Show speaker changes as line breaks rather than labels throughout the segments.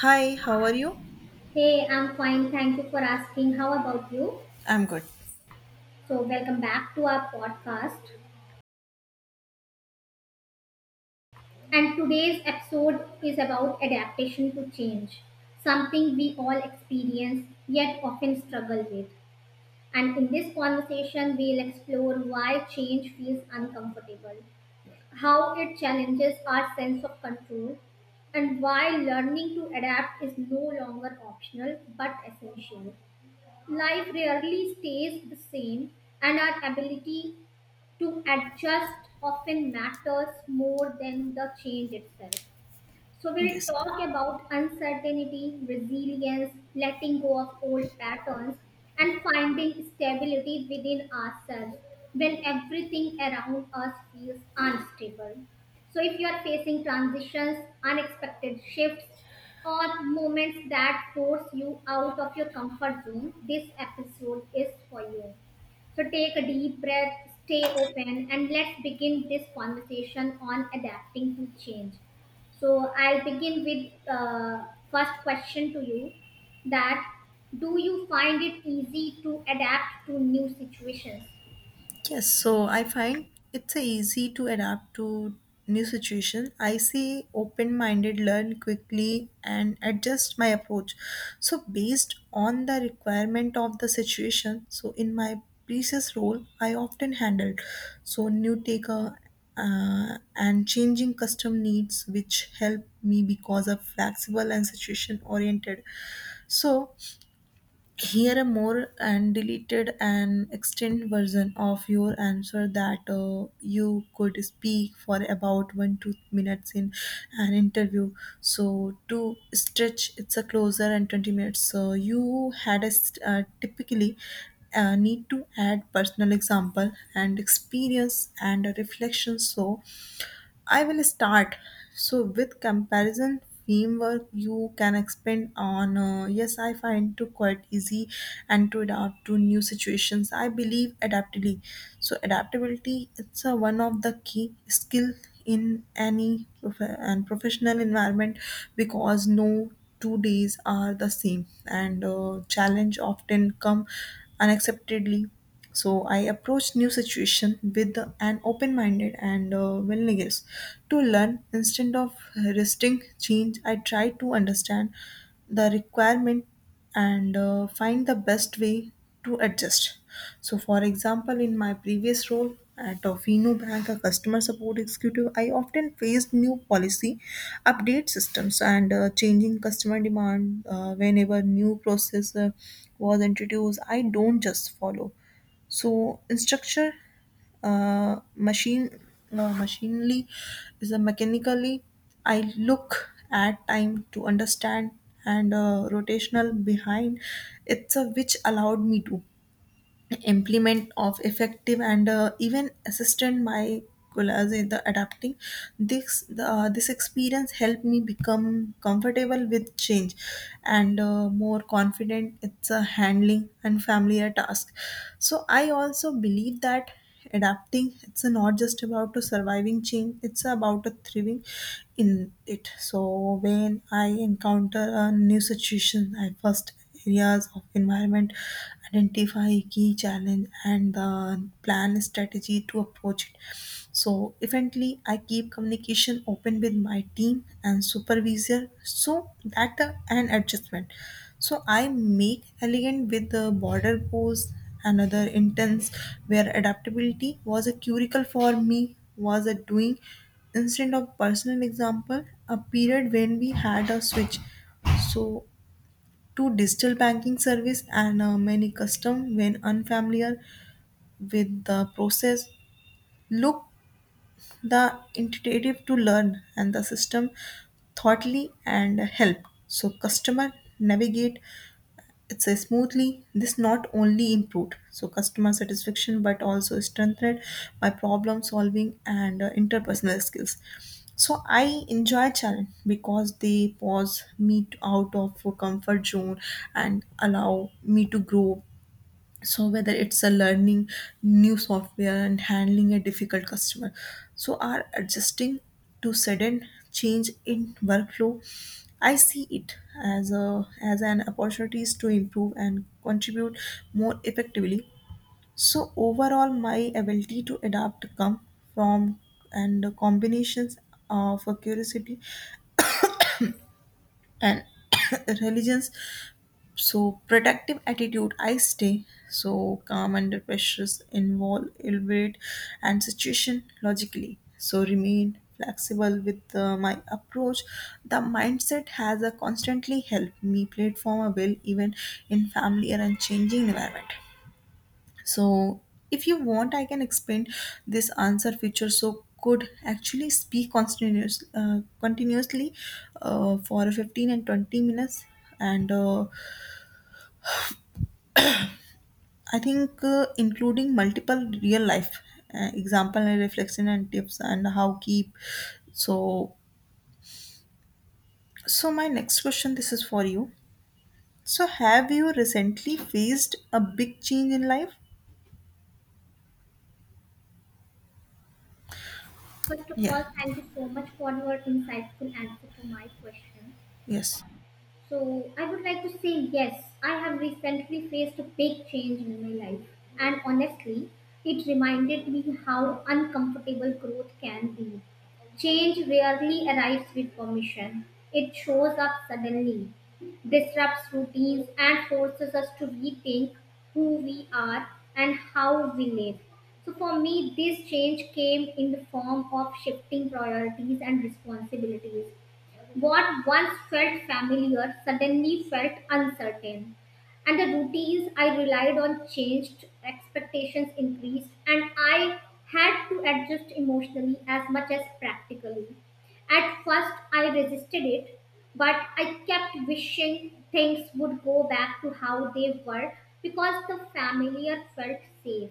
Hi, how are you?
Hey, I'm fine. Thank you for asking. How about you?
I'm good.
So, welcome back to our podcast. And today's episode is about adaptation to change, something we all experience yet often struggle with. And in this conversation, we'll explore why change feels uncomfortable, how it challenges our sense of control, and why learning to adapt is no longer optional but essential. Life rarely stays the same, and our ability to adjust often matters more than the change itself. So we'll
Yes.
talk about uncertainty, resilience, letting go of old patterns, and finding stability within ourselves when everything around us feels unstable. So if you are facing transitions, unexpected shifts, or moments that force you out of your comfort zone, this episode is for you. So take a deep breath, stay open, and let's begin this conversation on adapting to change. So I'll begin with first question to you that do you find it easy to adapt to new situations?
Yes, so I find it's a easy to adapt to new situation. I see open-minded learn quickly and adjust my approach. So based on the requirement of the situation, so in my previous role, I often handled so new taker and changing custom needs which help me because of flexible and situation oriented. So here a more and deleted and extended version of your answer that you could speak for about 1 to 2 minutes in an interview. So to stretch, it's a closer and 20 minutes. So you had a typically need to add personal example and experience and a reflection. So I will start. So, with comparison framework, you can expand on. Yes, I find to quite easy and to adapt to new situations. I believe adaptability. So, adaptability it's one of the key skill in any prof- and professional environment because no two days are the same and challenge often come unexpectedly. So I approached new situation with an open minded and willingness to learn. Instead of resisting change, I try to understand the requirement and find the best way to adjust. So for example, in my previous role at a Fino Bank, a customer support executive, I often faced new policy update systems and changing customer demand. Whenever new process was introduced, I don't just follow. So, structure, machine, no, machinely is a mechanically. I look at time to understand and rotational behind. It's a which allowed me to implement of effective and even assistant molecules in the adapting this this experience helped me become comfortable with change and more confident it's a handling and familiar task. So I also believe that adapting it's not just about a surviving change, it's about a thriving in it. So when I encounter a new situation, I first areas of environment, identify key challenge and the plan strategy to approach it. So eventually, I keep communication open with my team and supervisor so that an adjustment. So I make elegant with the border pose, another intense where adaptability was a curricle for me was a doing. Instead of personal example, a period when we had a switch so to digital banking service and many custom when unfamiliar with the process, look the intuitive to learn and the system thoughtly and help so customer navigate it says smoothly. This not only improved so customer satisfaction but also strengthened by problem solving and interpersonal skills. So I enjoy challenge because they pause me out of comfort zone and allow me to grow. So whether it's a learning new software and handling a difficult customer so are adjusting to sudden change in workflow, I see it as a as an opportunities to improve and contribute more effectively. So overall my ability to adapt come from and combinations of curiosity and religions, so protective attitude. I stay so calm under pressures, involve elaborate and situation logically so remain flexible with my approach. The mindset has a constantly helped me platform a will even in family or and changing environment. So if you want, I can explain this answer feature so could actually speak continuously for 15 and 20 minutes and I think including multiple real life example and reflection and tips and how keep. So, so my next question, this is for you. So, have you recently faced a big change in life?
First of
Yeah.
all, thank you so much for your insightful answer to my question.
Yes.
So I would like to say yes, I have recently faced a big change in my life. And honestly, it reminded me how uncomfortable growth can be. Change rarely arrives with permission. It shows up suddenly, disrupts routines, and forces us to rethink who we are and how we live. So, for me, this change came in the form of shifting priorities and responsibilities. What once felt familiar suddenly felt uncertain. And the routines I relied on changed, expectations increased, and I had to adjust emotionally as much as practically. At first, I resisted it, but I kept wishing things would go back to how they were because the familiar felt safe.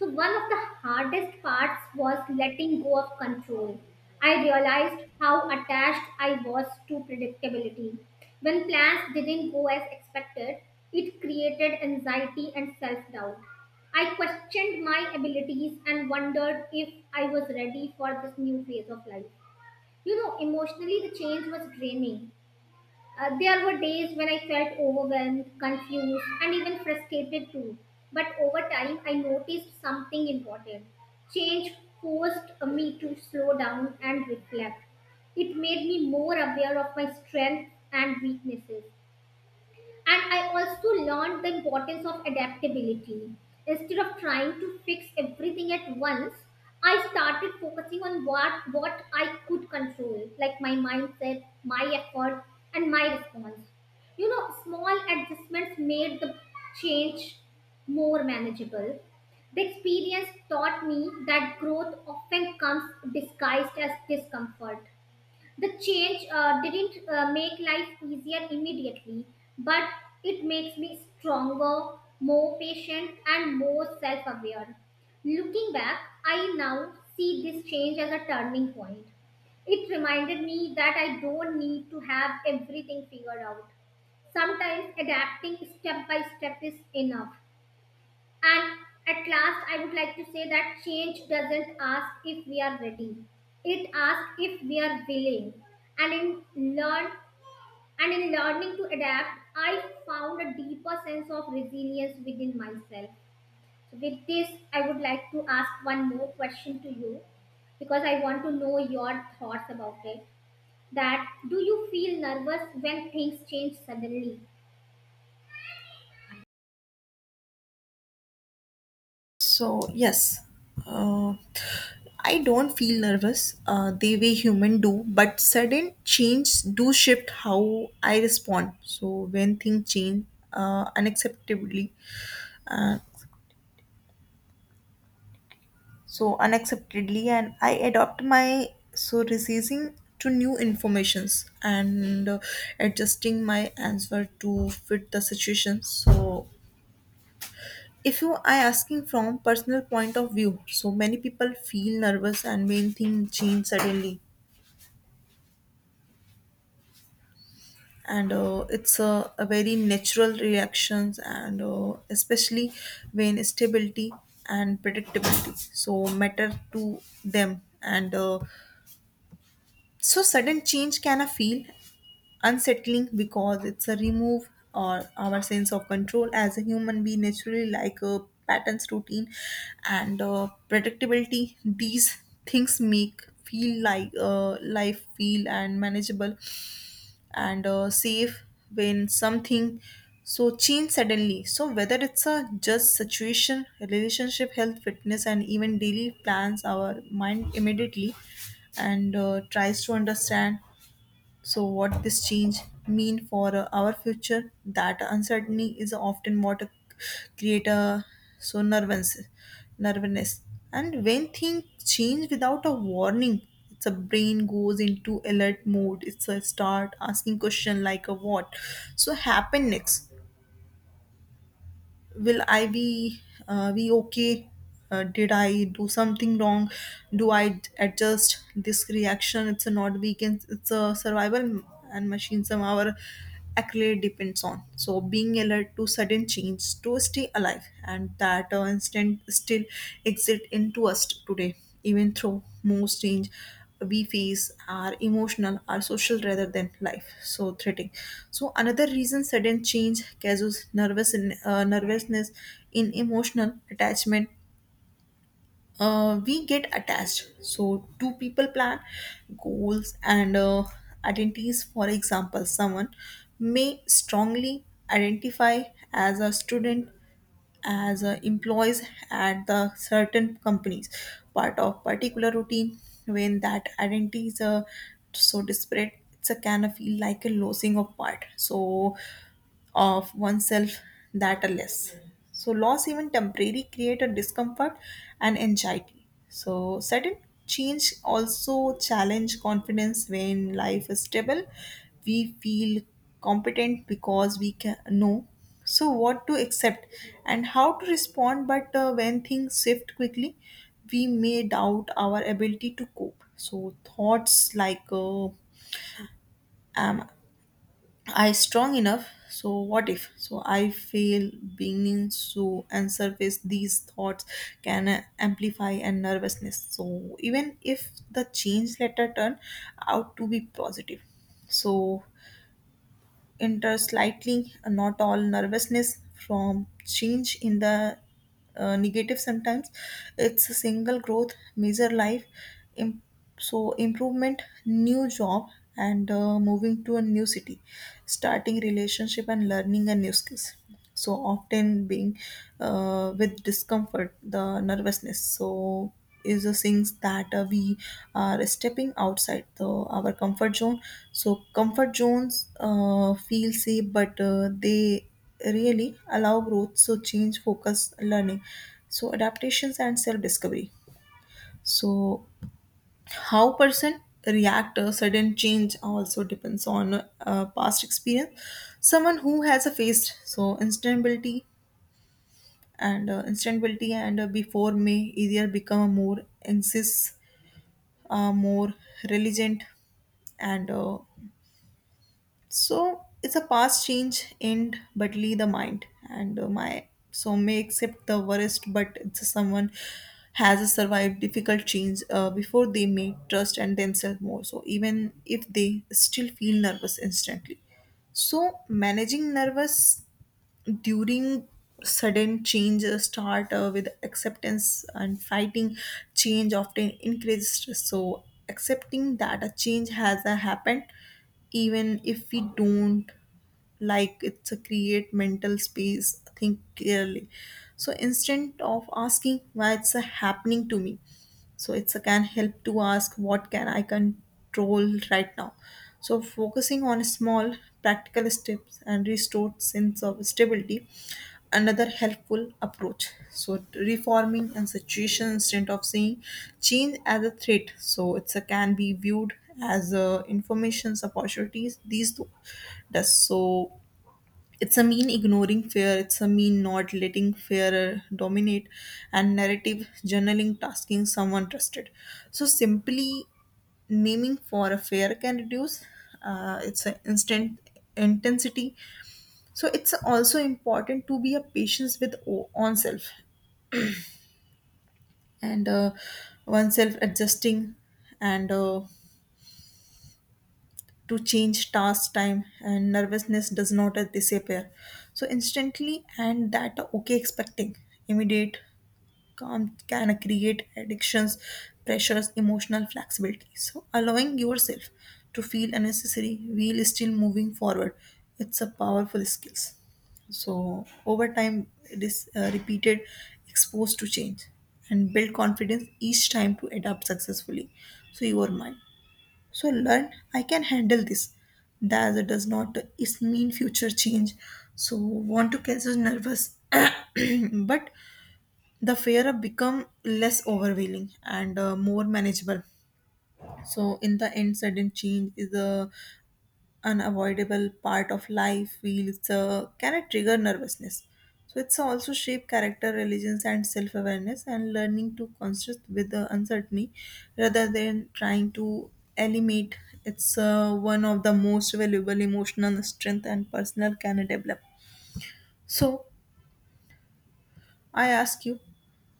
So, one of the hardest parts was letting go of control. I realized how attached I was to predictability. When plans didn't go as expected, it created anxiety and self doubt. I questioned my abilities and wondered if I was ready for this new phase of life. You know, emotionally, the change was draining. There were days when I felt overwhelmed, confused, and even frustrated too. But over time, I noticed something important. Change forced me to slow down and reflect. It made me more aware of my strengths and weaknesses. And I also learned the importance of adaptability. Instead of trying to fix everything at once, I started focusing on what I could control, like my mindset, my effort, and my response. You know, small adjustments made the change more manageable. The experience taught me that growth often comes disguised as discomfort. The change didn't make life easier immediately, but it makes me stronger, more patient, and more self aware. Looking back, I now see this change as a turning point. It reminded me that I don't need to have everything figured out. Sometimes adapting step by step is enough. And at last, I would like to say that change doesn't ask if we are ready. It asks if we are willing. And in learn and in learning to adapt, I found a deeper sense of resilience within myself. So with this, I would like to ask one more question to you because I want to know your thoughts about it. That do you feel nervous when things change suddenly?
So yes, uh, I don't feel nervous. The way human do, but sudden change do shift how I respond. So when things change unacceptably, uh, so unacceptedly, and I adopt my so resisting to new informations and adjusting my answer to fit the situation. So if you are asking from personal point of view, so many people feel nervous and main thing change suddenly and it's a very natural reactions and especially when stability and predictability so matter to them and so sudden change can feel unsettling because it's a remove or our sense of control. As a human, we naturally like patterns, routine and predictability. These things make feel like life feel and manageable and safe. When something so change suddenly, so whether it's a just situation, relationship, health, fitness and even daily plans, our mind immediately and tries to understand so what this change mean for our future? That uncertainty is often what create a so nervousness. And when things change without a warning, it's a brain goes into alert mode. It's a start asking question like a what, so happen next, will I be okay, did I do something wrong, do I adjust this reaction. It's a not weekend, it's a survival and machine some our accolade depends on so being alert to sudden change to stay alive, and that instant still exist into us today, even through most change we face are emotional are social rather than life so threatening. So another reason sudden change causes nervousness in emotional attachment. We get attached so two people, plan, goals and identities. For example, someone may strongly identify as a student, as employees at the certain companies, part of particular routine. When that identity is so disparate, it's a kind of feel like a losing of part so of oneself, that are less. So, loss, even temporary, create a discomfort and anxiety. So, sudden change also challenge confidence when life is stable. We feel competent because we can know so what to accept and how to respond. But when things shift quickly, we may doubt our ability to cope. So, thoughts like am I strong enough. So what if? So I feel beginning to and surface these thoughts can amplify and nervousness. So even if the change letter turn out to be positive, so enter slightly, not all nervousness from change in the negative sometimes. It's a single growth, major life, im- so improvement, new job, and moving to a new city, starting relationship and learning a new skills, so often being with discomfort the nervousness, so is the things that we are stepping outside the our comfort zone. So comfort zones feel safe but they really allow growth. So change focus learning so adaptations and self discovery. So how person react to sudden change also depends on past experience. Someone who has a faced so instability and instantability and before, may either become more anxious, more religion and so it's a past change end but leave the mind and my so may accept the worst. But it's someone has survived difficult change before, they may trust and themselves more, so even if they still feel nervous instantly. So managing nervous during sudden changes start with acceptance and fighting change often increases stress. So accepting that a change has happened, even if we don't like, it's a create mental space think clearly. So instead of asking why it's a happening to me, so it's a can help to ask what can I control right now. So focusing on small practical steps and restored sense of stability, another helpful approach, so reforming and situation instead of seeing change as a threat, so it's a can be viewed as information's opportunities. These two does so it's a mean ignoring fear, it's a mean not letting fear dominate and narrative journaling tasking someone trusted. So simply naming for a fear can reduce it's an instant intensity. So it's also important to be a patience with on and oneself adjusting and to change task time and nervousness does not disappear so instantly, and that okay, expecting immediate calm can create addictions, pressures, emotional flexibility. So, allowing yourself to feel unnecessary while still moving forward, it's a powerful skills. So, over time, it is repeated, exposed to change, and build confidence each time to adapt successfully. So, your mind. So, learn I can handle this. That does not is mean future change. So, want to cancel nervous, but the fear of become less overwhelming and more manageable. So in the end, sudden change is a unavoidable part of life feels can it trigger nervousness, so it's also shape character, religions and self-awareness, and learning to consist with the uncertainty rather than trying to eliminate, it's one of the most valuable emotional strength and personal can develop. So I ask you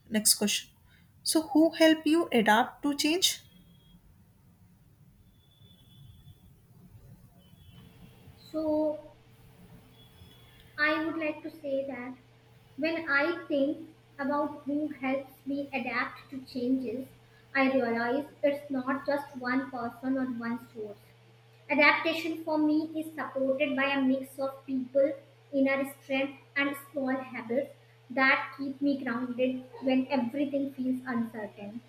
next question. So, who help you adapt to change?
So I would like to say that when I think about who helps me adapt to changes, I realize it's not just one person or one source. Adaptation for me is supported by a mix of people, inner strength, and small habits that keep me grounded when everything feels uncertain.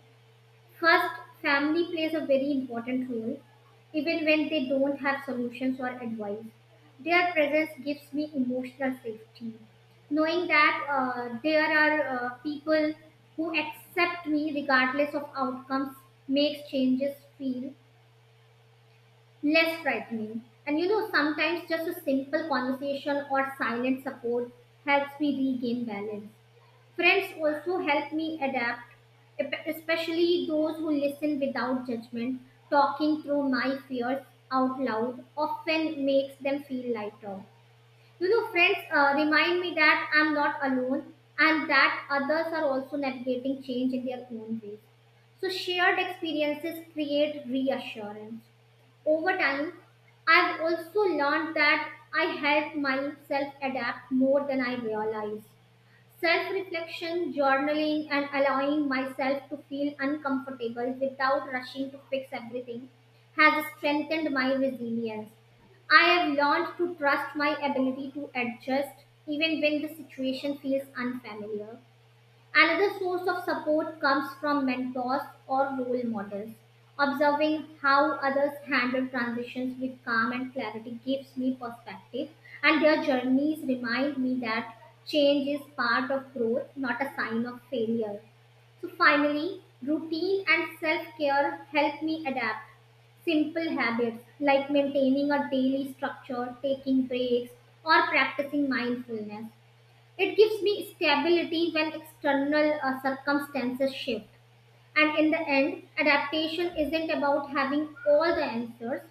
First, family plays a very important role, even when they don't have solutions or advice. Their presence gives me emotional safety. Knowing that there are people who accept me regardless of outcomes makes changes feel less frightening. And you know, sometimes just a simple conversation or silent support helps me regain balance. Friends also help me adapt, especially those who listen without judgment. Talking through my fears out loud often makes them feel lighter. You know, friends remind me that I'm not alone and that others are also navigating change in their own ways. So, shared experiences create reassurance over time. I've also learned that I help myself adapt more than I realize. Self reflection, journaling, and allowing myself to feel uncomfortable without rushing to fix everything has strengthened my resilience. I have learned to trust my ability to adjust even when the situation feels unfamiliar. Another source of support comes from mentors or role models. Observing how others handle transitions with calm and clarity gives me perspective, and their journeys remind me that change is part of growth, not a sign of failure. So, finally, routine and self care help me adapt. Simple habits like maintaining a daily structure, taking breaks, or practicing mindfulness it gives me stability when external circumstances shift. And in the end, adaptation isn't about having all the answers,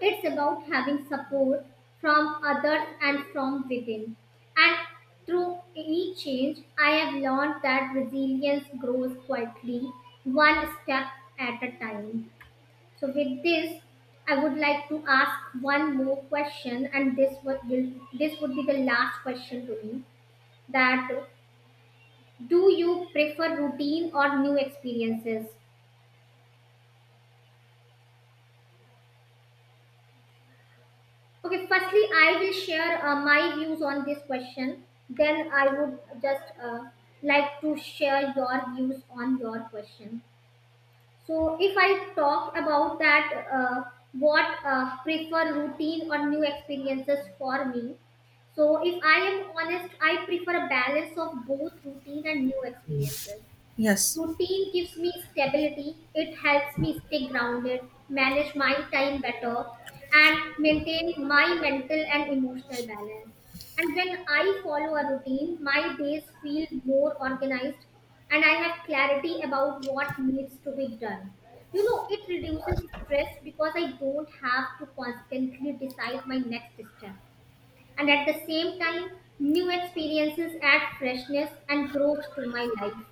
it's about having support from others and from within. And through any change, I have learned that resilience grows quietly, one step at a time. So, with this, I would like to ask one more question, and this would be the last question to me that do you prefer routine or new experiences? Okay, firstly I will share my views on this question, then I would just like to share your views on your question. So if I talk about that, uh, what prefer routine or new experiences for me. So if I am honest, I prefer a balance of both routine and new experiences.
Yes.
Routine gives me stability, it helps me stay grounded, manage my time better, and maintain my mental and emotional balance. And when I follow a routine, my days feel more organized and I have clarity about what needs to be done. You know, it reduces stress because I don't have to constantly decide my next step, and at the same time, new experiences add freshness and growth to my life.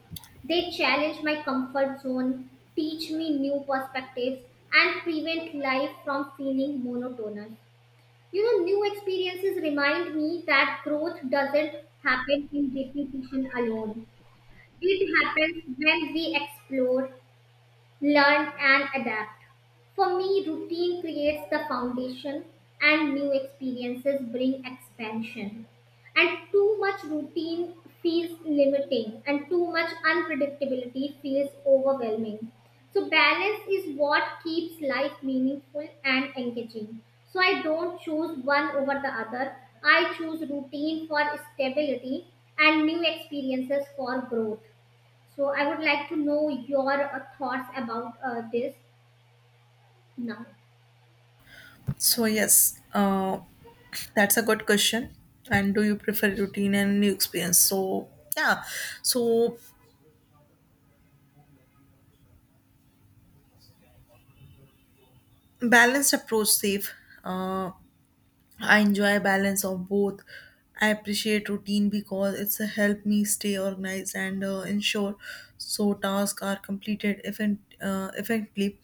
They challenge my comfort zone, teach me new perspectives, and prevent life from feeling monotonous. You know, new experiences remind me that growth doesn't happen in repetition alone. It happens when we explore, learn, and adapt. For me, routine creates the foundation and new experiences bring expansion. And too much routine feels limiting and too much unpredictability feels overwhelming. So, balance is what keeps life meaningful and engaging. So, I don't choose one over the other. I choose routine for stability and new experiences for growth. So, I would like to know your thoughts about this now.
So, yes, that's a good question. And do you prefer routine and new experience? So, yeah. So, balanced approach, safe. Uh, I enjoy balance of both. I appreciate routine because it's a help me stay organized and ensure so tasks are completed effectively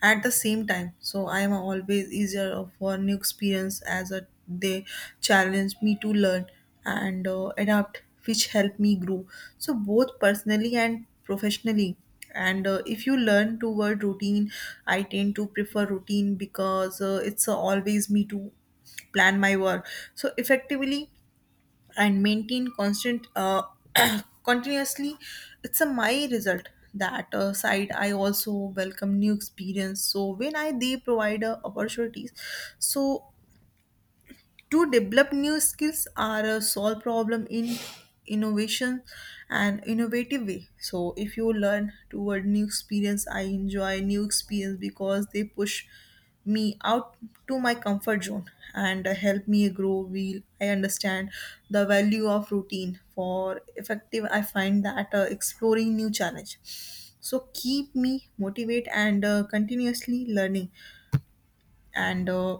at the same time. So I am always easier for new experience as a, they challenge me to learn and adapt, which help me grow. So both personally and professionally. And if you learn toward routine, I tend to prefer routine because it's always me too plan my work so effectively and maintain constant continuously it's a my result. That side, I also welcome new experience. So when I they provide opportunities, so to develop new skills or solve problem in innovation and innovative way. So if you learn toward new experience, I enjoy new experience because they push me out to my comfort zone and help me grow. Will I understand the value of routine for effective? I find that exploring new challenge, so keep me motivate and continuously learning. and uh,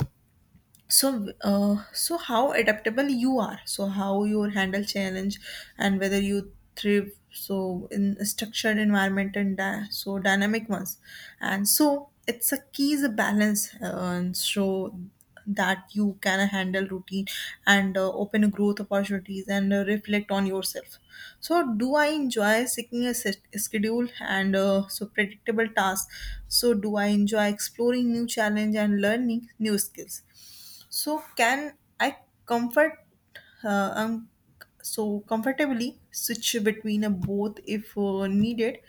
so uh, so how adaptable you are, so how you handle challenge and whether you thrive so in a structured environment and dynamic ones. And so it's a key is a balance and so that you can handle routine and open growth opportunities and reflect on yourself. So do I enjoy seeking a schedule and so predictable tasks? So do I enjoy exploring new challenge and learning new skills? So can I comfort uh, um, so comfortably switch between a both if needed.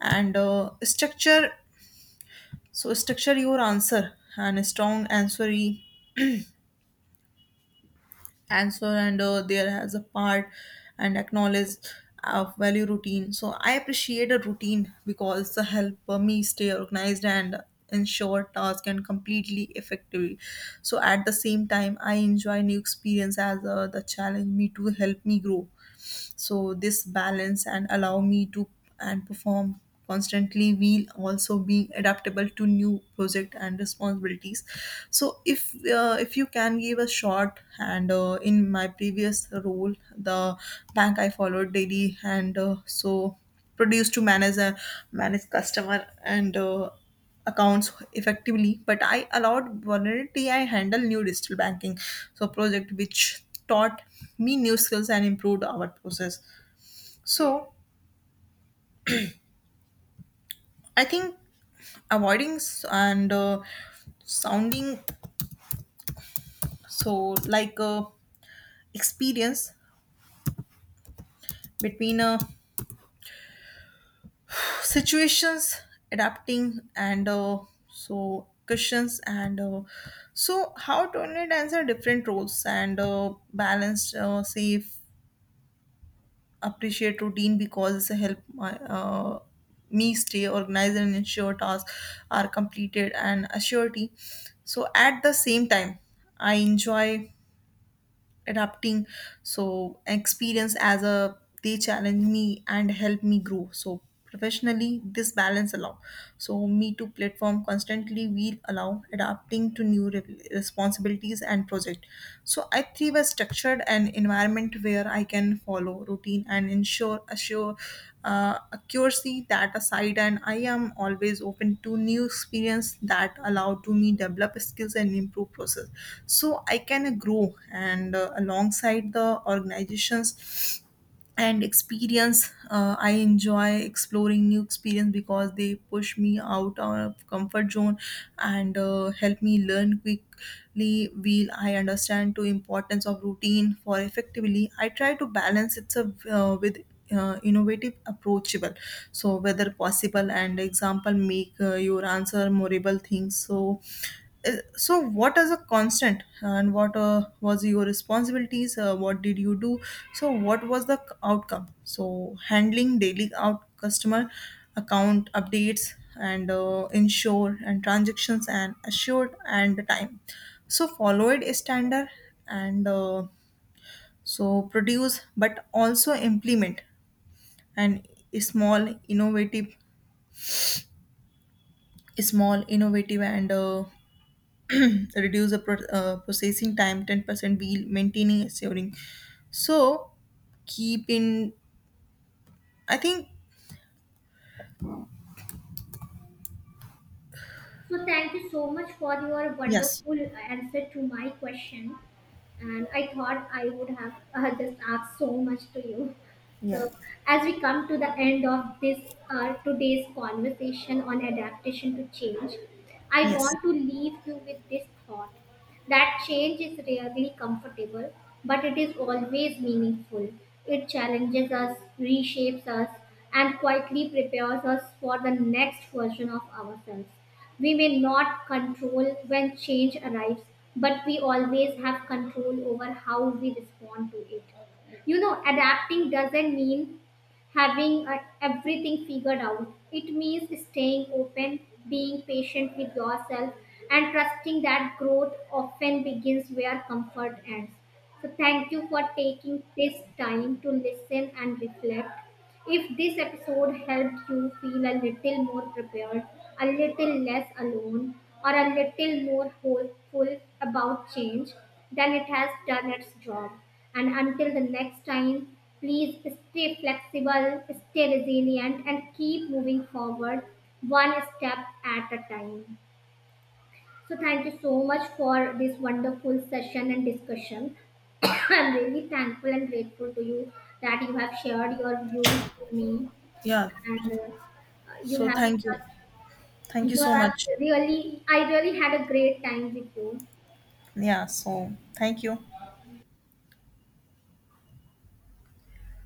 And uh, structure so structure your answer and a strong answer and there has a part and acknowledge of value routine. So I appreciate a routine because the help me stay organized and ensure task and completely effectively. So at the same time, I enjoy new experience as the challenge me to help me grow. So this balance and allow me to and perform constantly, will also be adaptable to new project and responsibilities. So if you can give a short and in my previous role the bank, I followed daily and so produced to manage customer and accounts effectively, but I allowed vulnerability. I handle new digital banking, so project which taught me new skills and improved our process. So I think, avoiding and sounding so like experience between situations, adapting and so questions and so how to answer different roles and balance safe, appreciate routine because it help me stay organized and ensure tasks are completed and a. So at the same time, I enjoy adapting. So experience as a they challenge me and help me grow. So professionally, this balance allow. So me to platform constantly, will allow adapting to new responsibilities and project. So I thrive a structured and environment where I can follow routine and ensure assure accuracy that aside, and I am always open to new experience that allow to me develop skills and improve process. So I can grow and alongside the organizations and experience. I enjoy exploring new experience because they push me out of comfort zone and help me learn quickly. Will I understand to importance of routine for effectively? I try to balance it with innovative approachable, so whether possible and example, make your answer memorable things. So what is a constant, and what was your responsibilities, what did you do, so what was the outcome, so handling daily out customer account updates and ensure and transactions and assured and the time. So followed a standard and so produce but also implement and small innovative small innovative and reduce the processing time 10%, while maintaining assuring, so keep in. I think.
So thank you so much for your
Yes,
wonderful answer to my question. And I thought I would have just asked so much to you.
yeah,
So, as we come to the end of this today's conversation on adaptation to change, I
yes,
want to leave you with this thought that change is rarely comfortable, but it is always meaningful. It challenges us, reshapes us, and quietly prepares us for the next version of ourselves. We may not control when change arrives, but we always have control over how we respond to it. You know, adapting doesn't mean having everything figured out. It means staying open, being patient with yourself, and trusting that growth often begins where comfort ends. So thank you for taking this time to listen and reflect. If this episode helped you feel a little more prepared, a little less alone, or a little more hopeful about change, then it has done its job. And until the next time, please stay flexible, stay resilient, and keep moving forward one step at a time. So, thank you so much for this wonderful session and discussion. I'm really thankful and grateful to you that you have shared your views with me
yeah.
and you
So
have
thank you,
just
thank you
you
so
have
much,
really I really had a great time with you.
yeah. So thank you.